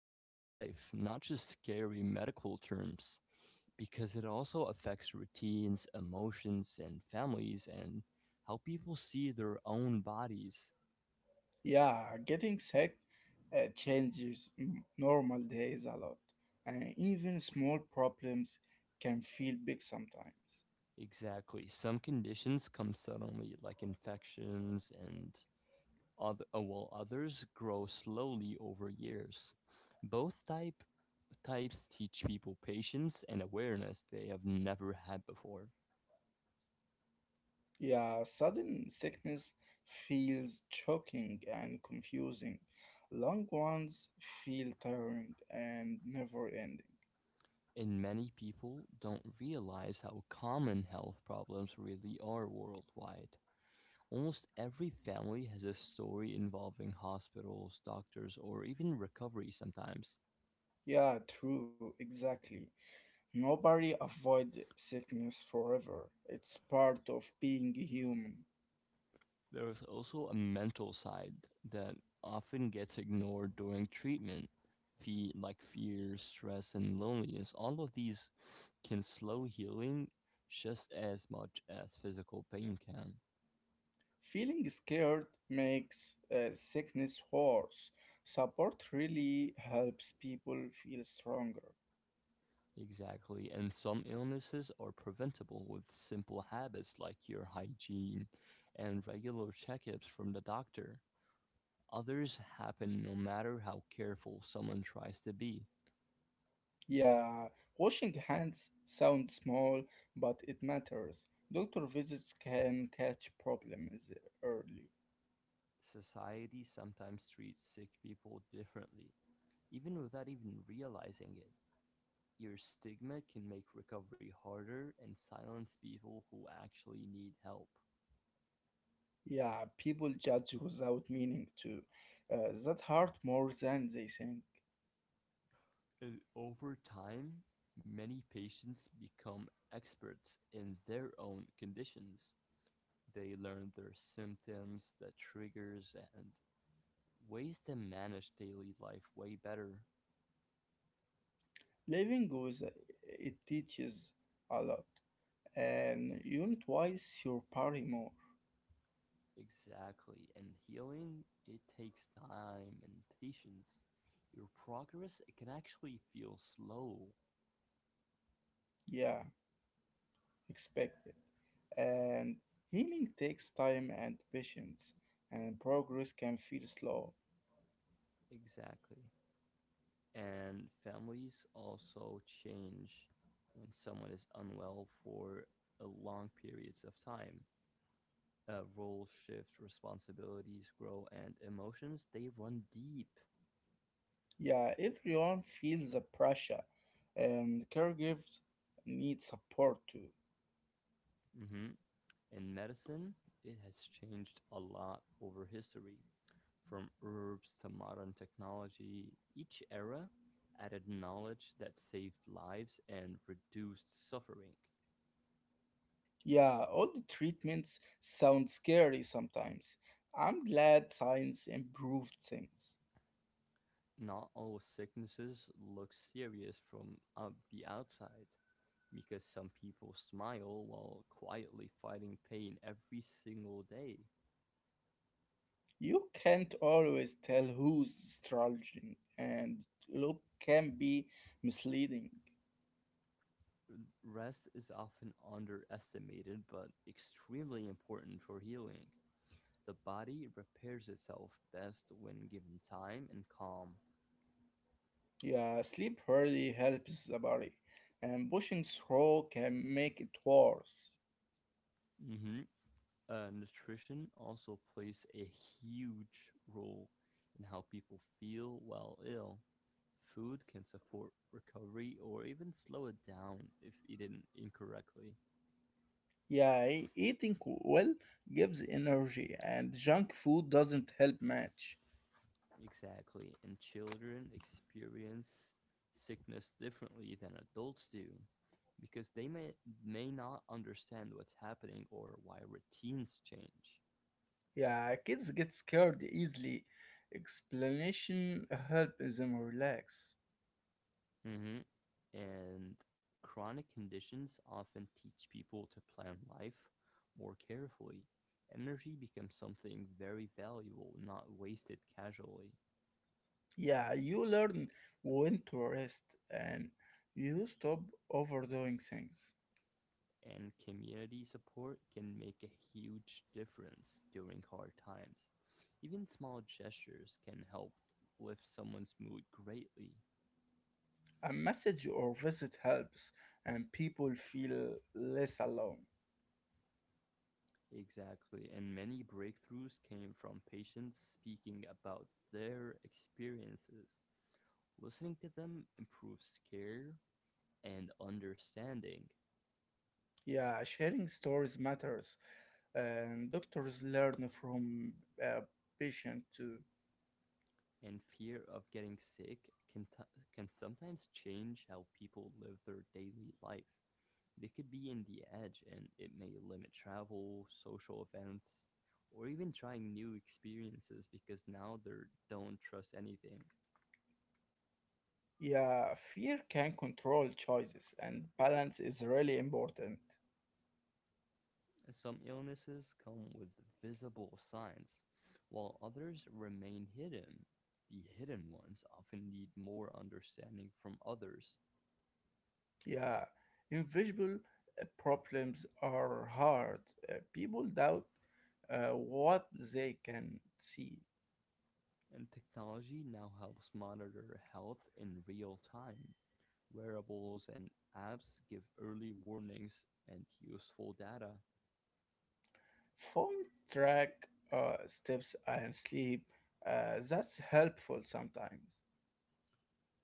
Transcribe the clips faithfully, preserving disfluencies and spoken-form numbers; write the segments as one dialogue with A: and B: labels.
A: everyday life, not just scary medical terms, because it also affects routines, emotions, and families, and how people see their own bodies.
B: Yeah, getting sick uh, changes m- normal days a lot, and even small problems can feel big sometimes.
A: Exactly. Some conditions come suddenly, like infections, and other, uh, while others grow slowly over years. Both type types teach people patience and awareness they have never had before.
B: Yeah, sudden sickness feels choking and confusing. Long ones feel tiring and never ending.
A: And many people don't realize how common health problems really are worldwide. Almost every family has a story involving hospitals, doctors, or even recovery sometimes.
B: Yeah, true, exactly. Nobody avoid sickness forever. It's part of being human.
A: There is also a mental side that often gets ignored during treatment. Fe- like fear, stress, and loneliness, all of these can slow healing just as much as physical pain can.
B: Feeling scared makes uh, sickness worse. Support really helps people feel stronger.
A: Exactly. And some illnesses are preventable with simple habits like your hygiene and regular checkups from the doctor. Others happen no matter how careful someone tries to be.
B: Yeah, washing hands sounds small, but it matters. Doctor visits can catch problems early.
A: Society sometimes treats sick people differently, even without even realizing it. Your stigma can make recovery harder and silence people who actually need help.
B: Yeah, people judge without meaning to. Uh, that hurt more than they think.
A: And over time, many patients become experts in their own conditions. They learn their symptoms, the triggers, and ways to manage daily life way better.
B: Living with it teaches a lot, and you notice your party more.
A: Exactly. And healing, it takes time and patience. Your progress, it can actually feel slow.
B: Yeah, expect it. And healing takes time and patience, and progress can feel slow.
A: Exactly. And families also change when someone is unwell for a long periods of time. Uh, roles shift, responsibilities grow, and emotions, they run deep.
B: Yeah, everyone feels the pressure, and caregivers need support too.
A: hmm In medicine, it has changed a lot over history, from herbs to modern technology. Each era added knowledge that saved lives and reduced suffering.
B: Yeah, all the treatments sound scary sometimes. I'm glad science improved things.
A: Not all sicknesses look serious from uh, the outside, because some people smile while quietly fighting pain every single day.
B: You can't always tell who's struggling, and look can be misleading.
A: Rest is often underestimated but extremely important for healing. The body repairs itself best when given time and calm.
B: Yeah, sleep really helps the body, and pushing through can make it worse.
A: hmm Uh, nutrition also plays a huge role in how people feel while ill. Food can support recovery or even slow it down if eaten incorrectly.
B: Yeah, e- eating well gives energy, and junk food doesn't help much.
A: Exactly. And children experience sickness differently than adults do, because they may may not understand what's happening or why routines change.
B: Yeah, kids get scared easily. Explanation helps them relax.
A: hmm And chronic conditions often teach people to plan life more carefully. Energy becomes something very valuable, not wasted casually.
B: Yeah, you learn when to rest, and you stop overdoing things.
A: And community support can make a huge difference during hard times. Even small gestures can help lift someone's mood greatly.
B: A message or visit helps, and people feel less alone.
A: Exactly, and many breakthroughs came from patients speaking about their experiences. Listening to them improves care and understanding.
B: Yeah, sharing stories matters, and doctors learn from uh, patient too.
A: And fear of getting sick can, t- can sometimes change how people live their daily life. They could be in the edge, and it may limit travel, social events, or even trying new experiences, because now they don't trust anything.
B: Yeah, fear can control choices, and balance is really important.
A: Some illnesses come with visible signs, while others remain hidden. The hidden ones often need more understanding from others.
B: Yeah, invisible uh, problems are hard. Uh, people doubt uh, what they can see.
A: And technology now helps monitor health in real time. Wearables and apps give early warnings and useful data.
B: Phone track uh, steps and sleep. Uh, that's helpful sometimes.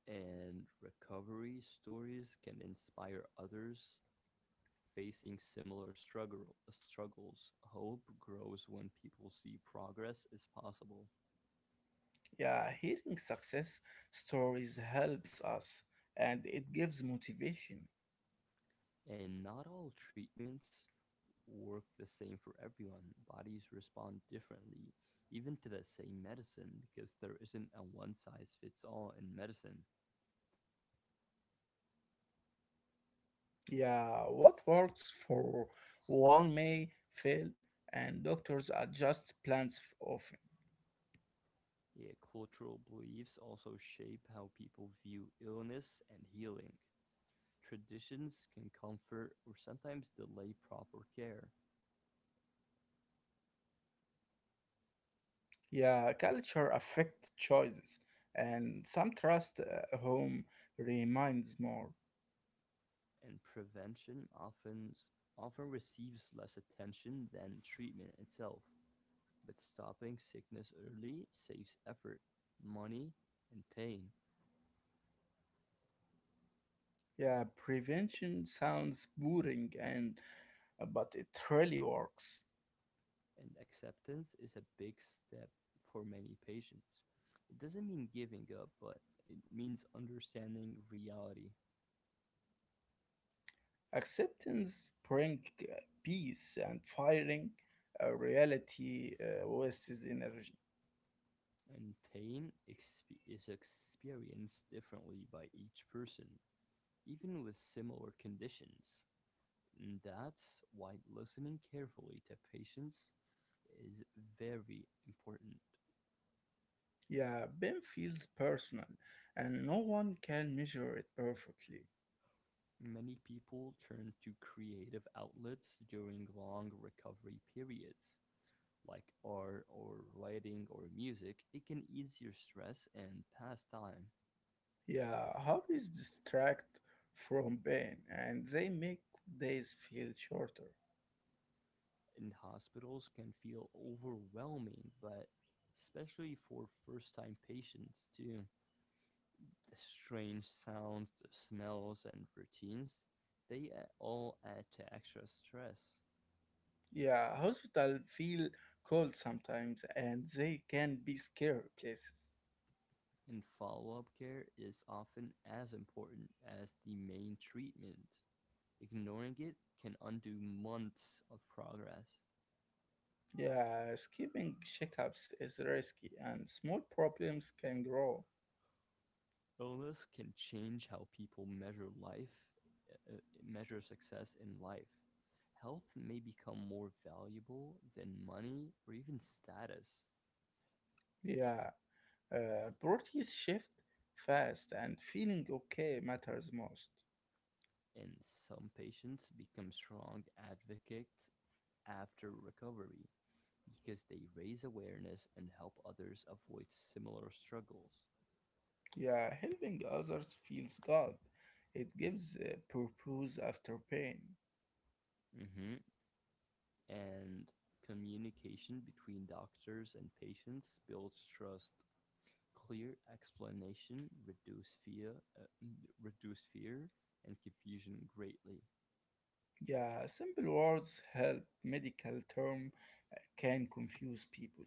A: And recovery stories can inspire others facing similar struggle, struggles. Hope grows when people see progress is possible.
B: Yeah, hearing success stories helps us and it gives motivation.
A: And not all treatments work the same for everyone. Bodies respond differently, even to the same medicine, because there isn't a one size fits all in medicine.
B: Yeah, what works for one may fail and doctors adjust plans f- often.
A: Yeah, cultural beliefs also shape how people view illness and healing. Traditions can comfort or sometimes delay proper care.
B: Yeah, culture affect choices and some trust uh, home reminds more.
A: And prevention often often receives less attention than treatment itself. But stopping sickness early saves effort, money, and pain.
B: Yeah, prevention sounds boring and uh, but it really works.
A: And acceptance is a big step for many patients. It doesn't mean giving up, but it means understanding reality.
B: Acceptance brings peace and firing a reality uh, wastes energy.
A: And pain exp- is experienced differently by each person, even with similar conditions. And that's why listening carefully to patients is very important.
B: Yeah, pain feels personal and no one can measure it perfectly.
A: Many people turn to creative outlets during long recovery periods, like art or writing or music. It can ease your stress and pass time.
B: Yeah, hobbies distract from pain and they make days feel shorter.
A: And hospitals can feel overwhelming, but especially for first time patients, too. The strange sounds, the smells, and routines, they all add to extra stress.
B: Yeah, hospital feel cold sometimes and they can be scary places.
A: And follow up care is often as important as the main treatment. Ignoring it can undo months of progress.
B: Yeah, skipping checkups is risky and small problems can grow.
A: Illness can change how people measure life, uh, uh, measure success in life. Health may become more valuable than money or even status.
B: Yeah, Uh, priorities shift fast, and feeling okay matters most.
A: And some patients become strong advocates after recovery, because they raise awareness and help others avoid similar struggles.
B: Yeah, helping others feels good. It gives uh, purpose after pain.
A: hmm And communication between doctors and patients builds trust. Clear explanation reduce fear, uh, reduce fear and confusion greatly.
B: Yeah, simple words help. Medical term uh, can confuse people.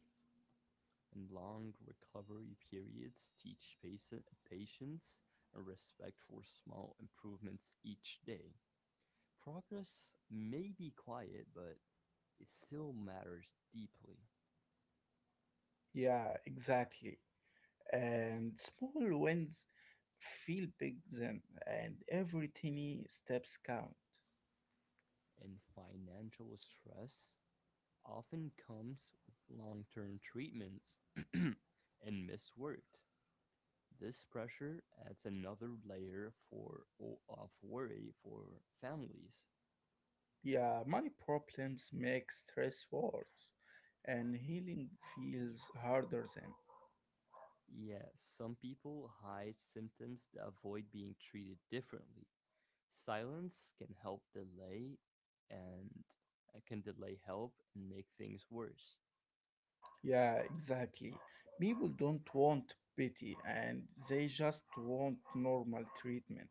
A: And long recovery periods teach paci- patience, a respect for small improvements each day. Progress may be quiet, but it still matters deeply.
B: Yeah, exactly. And small wins feel big then, and every tiny steps count.
A: And financial stress often comes with long term treatments and missed work. This pressure adds another layer for, of worry for families.
B: Yeah, money problems make stress worse and healing feels harder then.
A: Yes, some people hide symptoms to avoid being treated differently. Silence can help delay and uh, can delay help and make things worse.
B: Yeah, exactly. People don't want pity and they just want normal treatment.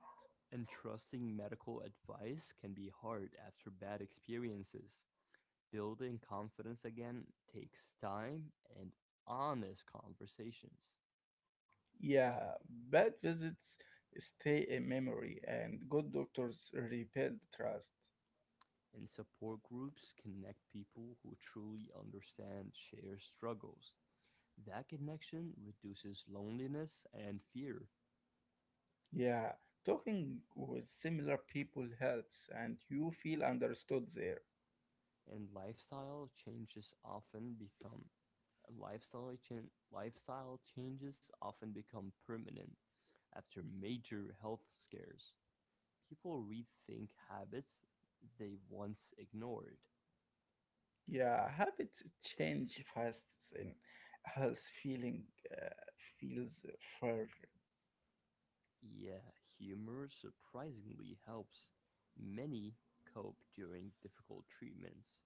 A: And trusting medical advice can be hard after bad experiences. Building confidence again takes time and honest conversations.
B: Yeah, bad visits stay a memory and good doctors rebuild trust.
A: And support groups connect people who truly understand shared struggles. That connection reduces loneliness and fear.
B: Yeah, talking with similar people helps and you feel understood there.
A: And lifestyle changes often become lifestyle chan- lifestyle changes often become permanent after major health scares. People rethink habits they once ignored.
B: Yeah, habits change fast and has feeling uh, feels further.
A: Yeah, humor surprisingly helps many cope during difficult treatments.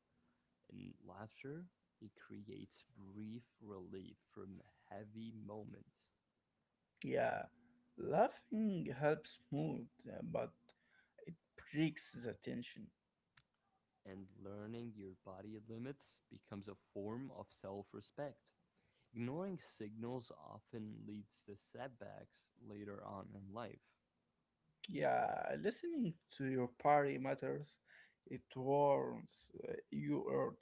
A: In laughter, it creates brief relief from heavy moments.
B: Yeah, laughing helps mood, uh, but it breaks the tension.
A: And learning your body limits becomes a form of self respect. Ignoring signals often leads to setbacks later on in life.
B: Yeah, listening to your party matters. It warns uh, you early.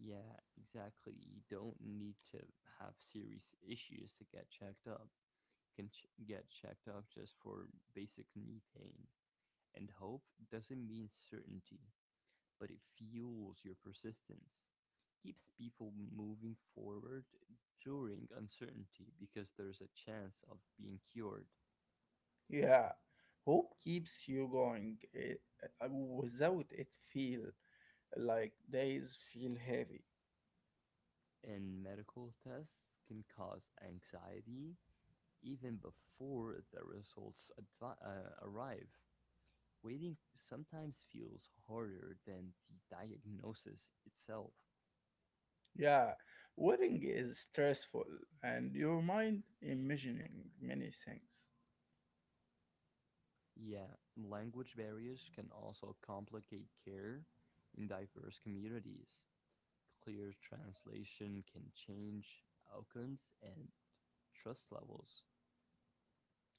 A: Yeah, exactly. You don't need to have serious issues to get checked up. You can ch- get checked up just for basic knee pain. And hope doesn't mean certainty, but it fuels your persistence. Keeps people moving forward during uncertainty, because there's a chance of being cured.
B: Yeah, hope keeps you going. Uh, uh, without it, feel like days feel heavy.
A: And medical tests can cause anxiety even before the results advi- uh, arrive. Waiting sometimes feels harder than the diagnosis itself.
B: Yeah, wedding is stressful, and your mind imagining many things.
A: Yeah, language barriers can also complicate care in diverse communities. Clear translation can change outcomes and trust levels.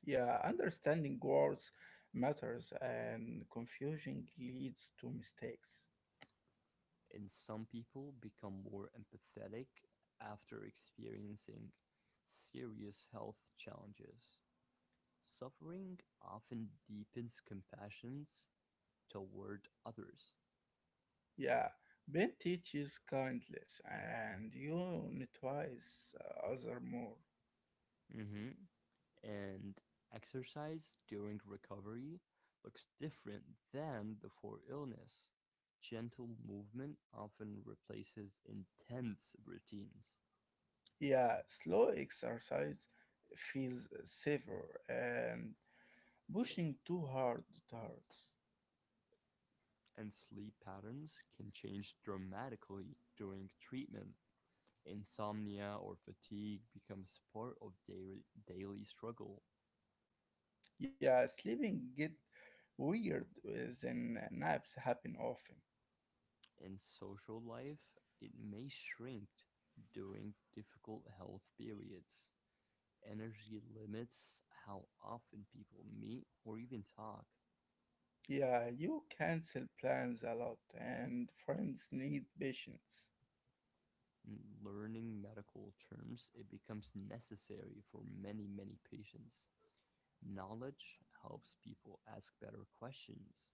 B: Yeah, understanding words matters, and confusion leads to mistakes.
A: And some people become more empathetic after experiencing serious health challenges. Suffering often deepens compassions toward others.
B: Yeah, Ben teaches kindness, and you twice other more.
A: hmm and exercise during recovery looks different than before illness. Gentle movement often replaces intense routines.
B: Yeah, slow exercise feels safer, and pushing too hard hurts.
A: And sleep patterns can change dramatically during treatment. Insomnia or fatigue becomes part of daily, daily struggle.
B: Yeah, sleeping get weird when naps happen often.
A: In social life, it may shrink during difficult health periods. Energy limits how often people meet or even talk.
B: Yeah, you cancel plans a lot, and friends need patience.
A: In learning medical terms, it becomes necessary for many, many patients. Knowledge helps people ask better questions.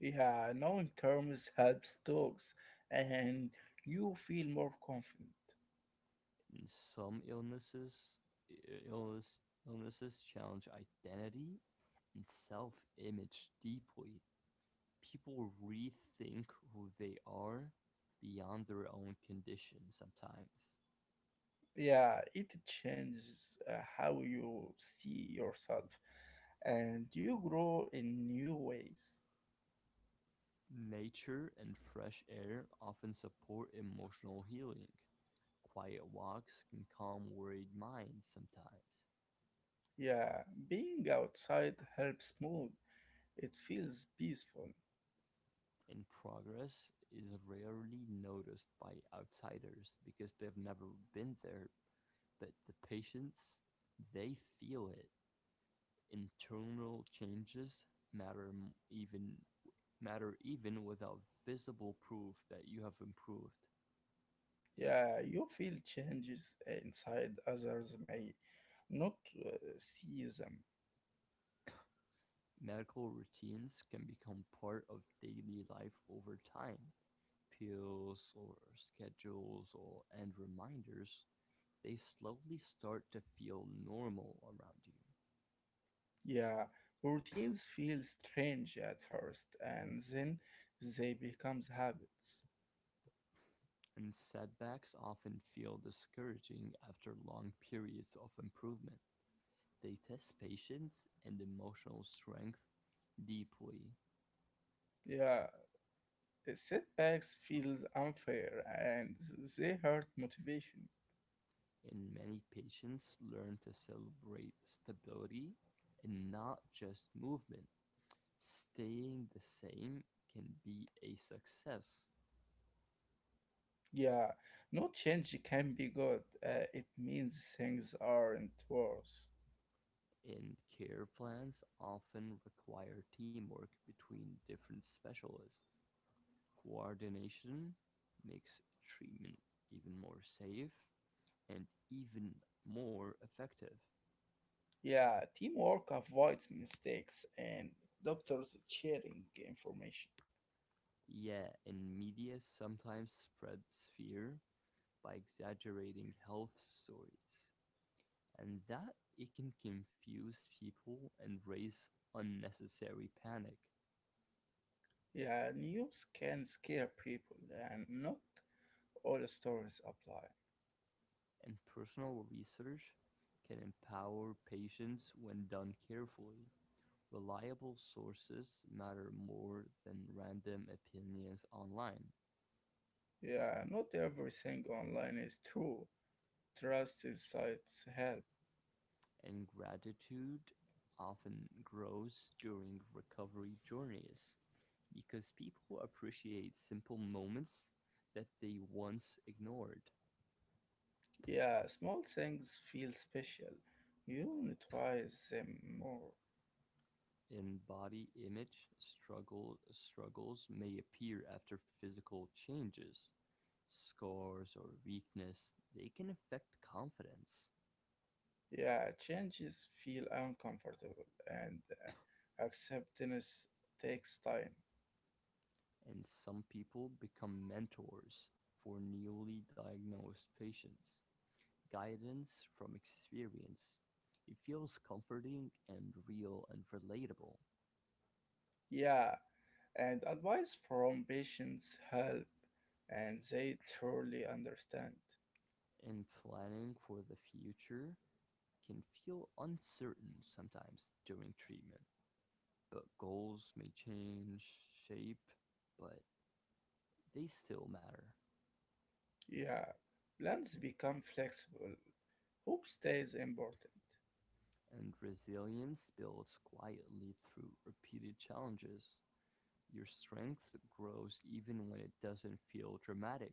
B: Yeah, knowing terms helps talks, and you feel more confident.
A: In some illnesses, illness, illnesses challenge identity and self image deeply. People rethink who they are beyond their own condition sometimes.
B: Yeah, it changes uh, how you see yourself, and you grow in new ways.
A: Nature and fresh air often support emotional healing. Quiet walks can calm worried minds sometimes.
B: Yeah, being outside helps mood. It feels peaceful.
A: And progress is rarely noticed by outsiders, because they've never been there. But the patients, they feel it. Internal changes matter m- even matter even without visible proof that you have improved.
B: Yeah, you feel changes inside others may not uh, see them.
A: Medical routines can become part of daily life over time. Pills or schedules or and reminders, they slowly start to feel normal around you.
B: Yeah, routines feel strange at first and then they become habits.
A: And setbacks often feel discouraging after long periods of improvement. They test patience and emotional strength deeply.
B: Yeah, setbacks feel unfair and they hurt motivation.
A: And many patients learn to celebrate stability and not just movement. Staying the same can be a success.
B: Yeah, no change can be good. Uh, it means things aren't worse.
A: And care plans often require teamwork between different specialists. Coordination makes treatment even more safe and even more effective.
B: Yeah, teamwork avoids mistakes and doctors sharing information.
A: Yeah, and media sometimes spreads fear by exaggerating health stories, and that it can confuse people and raise unnecessary panic.
B: Yeah, news can scare people, and not all stories apply.
A: And personal research can empower patients when done carefully. Reliable sources matter more than random opinions online.
B: Yeah, not everything online is true. Trust is sites help.
A: And gratitude often grows during recovery journeys, because people appreciate simple moments that they once ignored.
B: Yeah, small things feel special. You notice them more.
A: In body image, struggle, struggles may appear after physical changes, scars, or weakness, they can affect confidence.
B: Yeah, changes feel uncomfortable, and uh, acceptance takes time.
A: And some people become mentors for newly diagnosed patients. Guidance from experience. It feels comforting and real and relatable.
B: Yeah, and advice from patients help, and they truly understand.
A: And planning for the future can feel uncertain sometimes during treatment. But goals may change shape, but they still matter.
B: Yeah, plans become flexible. Hope stays important.
A: And resilience builds quietly through repeated challenges. Your strength grows even when it doesn't feel dramatic.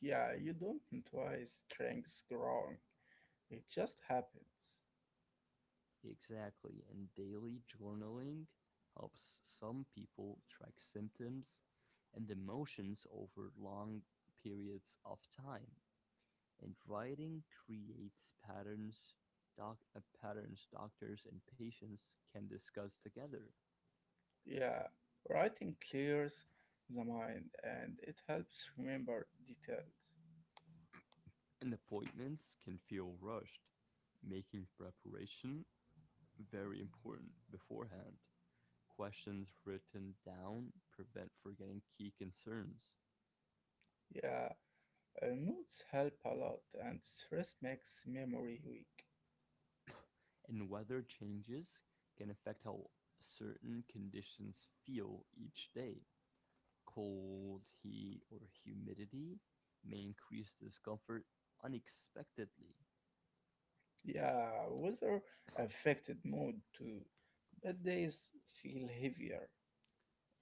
B: Yeah, you don't twice strengths growing. It just happens.
A: Exactly, and daily journaling helps some people track symptoms and emotions over long periods of time. And writing creates patterns, doc- uh, patterns doctors and patients can discuss together.
B: Yeah, writing clears the mind and it helps remember details.
A: And appointments can feel rushed, making preparation very important beforehand. Questions written down prevent forgetting key concerns.
B: Yeah, uh, notes help a lot and stress makes memory weak.
A: And weather changes can affect how certain conditions feel each day. Cold, heat, or humidity may increase discomfort unexpectedly.
B: Yeah, weather affected mood too. Bad days feel heavier.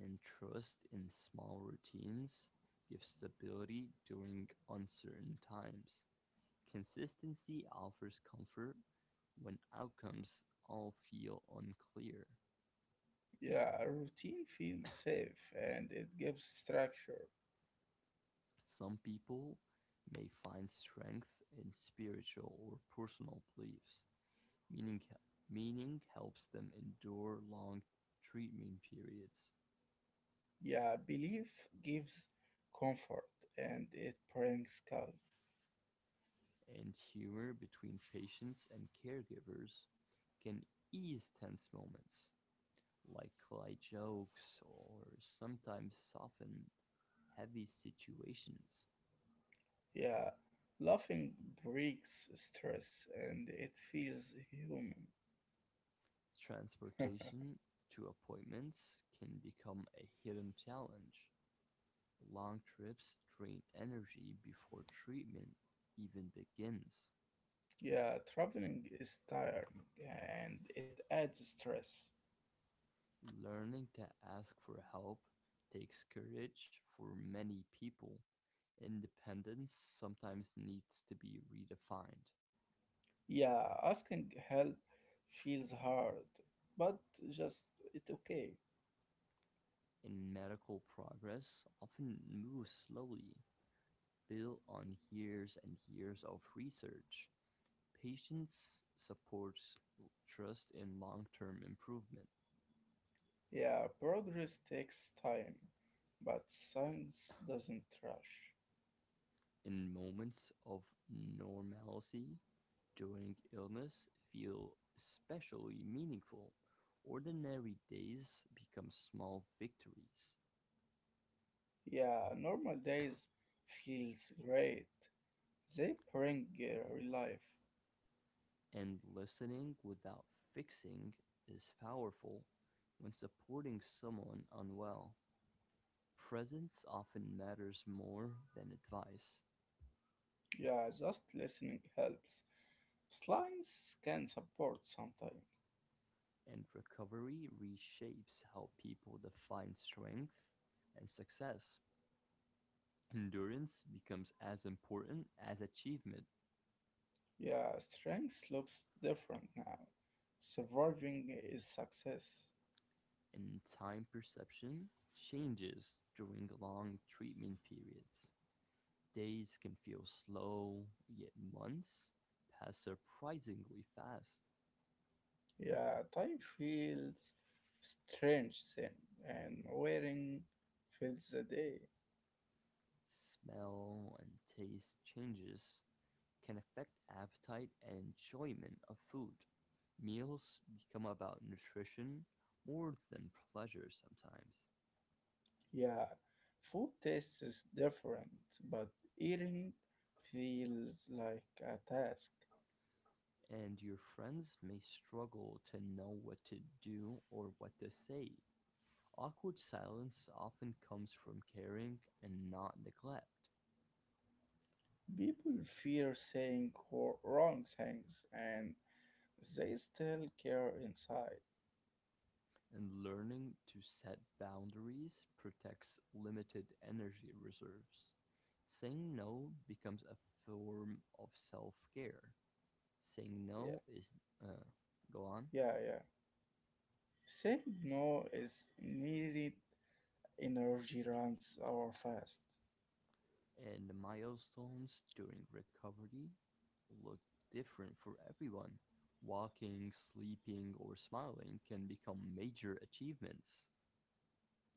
A: And trust in small routines gives stability during uncertain times. Consistency offers comfort when outcomes all feel unclear.
B: Yeah, a routine feels safe and it gives structure.
A: Some people may find strength in spiritual or personal beliefs. Meaning, meaning helps them endure long treatment periods.
B: Yeah, belief gives comfort and it brings calm.
A: And humor between patients and caregivers can ease tense moments, like light jokes or sometimes soften heavy situations.
B: Yeah, laughing breaks stress and it feels human.
A: Transportation to appointments can become a hidden challenge; long trips drain energy before treatment even begins.
B: Yeah, traveling is tiring and it adds stress.
A: Learning to ask for help takes courage for many people. Independence sometimes needs to be redefined.
B: Yeah, asking help feels hard, but just it's okay.
A: And medical progress often moves slowly, built on years and years of research. Patience supports trust and long-term improvement.
B: Yeah, progress takes time, but science doesn't rush.
A: In moments of normalcy during illness feel especially meaningful. Ordinary days become small victories.
B: Yeah, normal days feels great. They bring uh, life.
A: And listening without fixing is powerful when supporting someone unwell. Presence often matters more than advice.
B: Yeah, just listening helps. Slimes can support sometimes.
A: And recovery reshapes how people define strength and success. Endurance becomes as important as achievement.
B: Yeah, strength looks different now. Surviving is success.
A: And time perception changes during long treatment periods. Days can feel slow, yet months pass surprisingly fast.
B: Yeah, time feels strange then, and wearing fills the day.
A: Smell and taste changes can affect appetite and enjoyment of food. Meals become about nutrition more than pleasure sometimes.
B: Yeah, food tastes different, but eating feels like a task.
A: And your friends may struggle to know what to do or what to say. Awkward silence often comes from caring and not neglect.
B: People fear saying wor- wrong things and they still care inside.
A: And learning to set boundaries protects limited energy reserves. Saying no becomes a form of self care. Saying
B: Yeah,
A: no is, uh, go on.
B: yeah, yeah. Saying no is needed energy runs our fast.
A: And the milestones during recovery look different for everyone. Walking, sleeping, or smiling can become major achievements.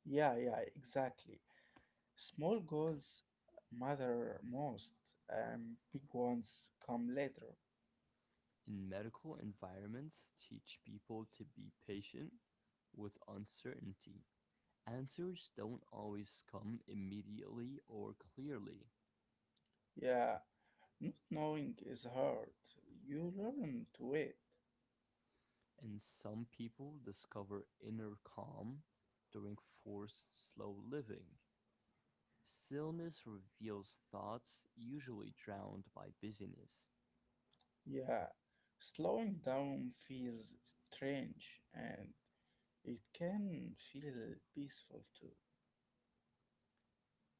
B: Yeah, yeah, exactly. Small goals matter most and big ones come later.
A: In medical environments, teach people to be patient with uncertainty. Answers don't always come immediately or clearly.
B: Yeah, not knowing is hard. You learn to wait.
A: And some people discover inner calm during forced slow living. Stillness reveals thoughts usually drowned by busyness.
B: Yeah, slowing down feels strange and it can feel peaceful too.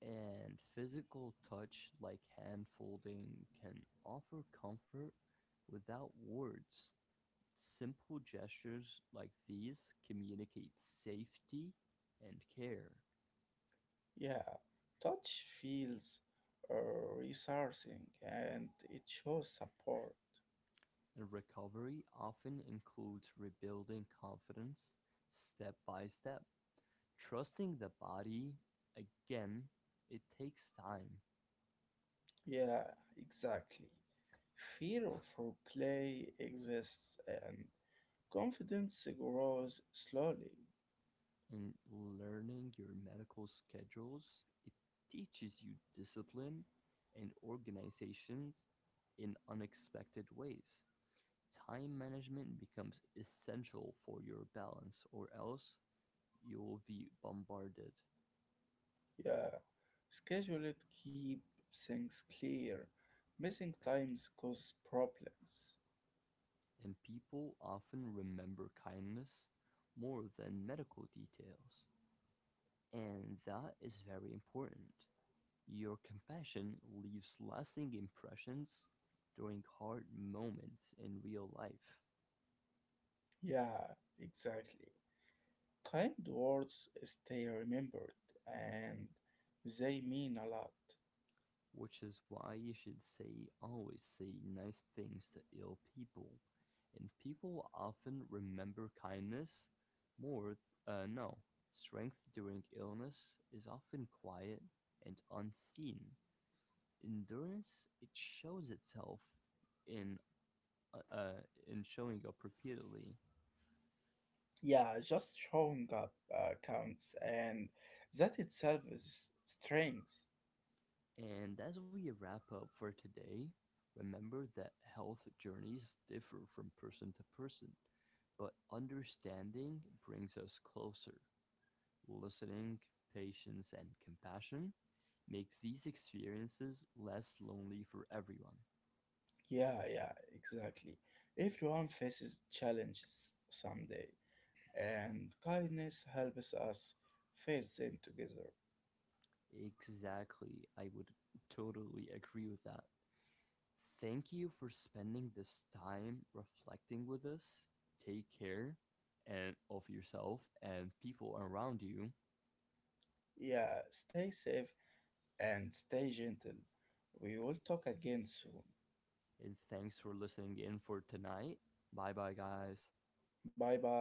A: And physical touch like hand folding can offer comfort without words. Simple gestures like these communicate safety and care.
B: Yeah, touch feels uh, resourcing and it shows support.
A: And recovery often includes rebuilding confidence step by step. Trusting the body, again, it takes time
B: Yeah, exactly. Fear of replay exists and confidence grows slowly.
A: in learning your medical schedules. It teaches you discipline and organizations in unexpected ways. Time management becomes essential for your balance, or else you will be bombarded.
B: Yeah, schedule it, keep things clear. Missing times cause problems.
A: And people often remember kindness more than medical details. And that is very important. Your compassion leaves lasting impressions during hard moments in real life,
B: Yeah, exactly. Kind words stay remembered and they mean a lot.
A: which is why you should say always say nice things to ill people. And people often remember kindness more, th- uh, no, strength during illness is often quiet and unseen. Endurance, it shows itself in, uh, uh, in showing up repeatedly.
B: Yeah, just showing up uh, counts and that itself is strength.
A: And as we wrap up for today, remember that health journeys differ from person to person, but understanding brings us closer. Listening, patience, and compassion make these experiences less lonely for everyone.
B: Yeah, yeah, exactly. Everyone faces challenges someday and kindness helps us face them together.
A: Exactly. I would totally agree with that. Thank you for spending this time reflecting with us. Take care and of yourself and people around you.
B: Yeah, stay safe and stay gentle. We will talk again soon.
A: And thanks for listening in for tonight. Bye bye, guys.
B: Bye bye.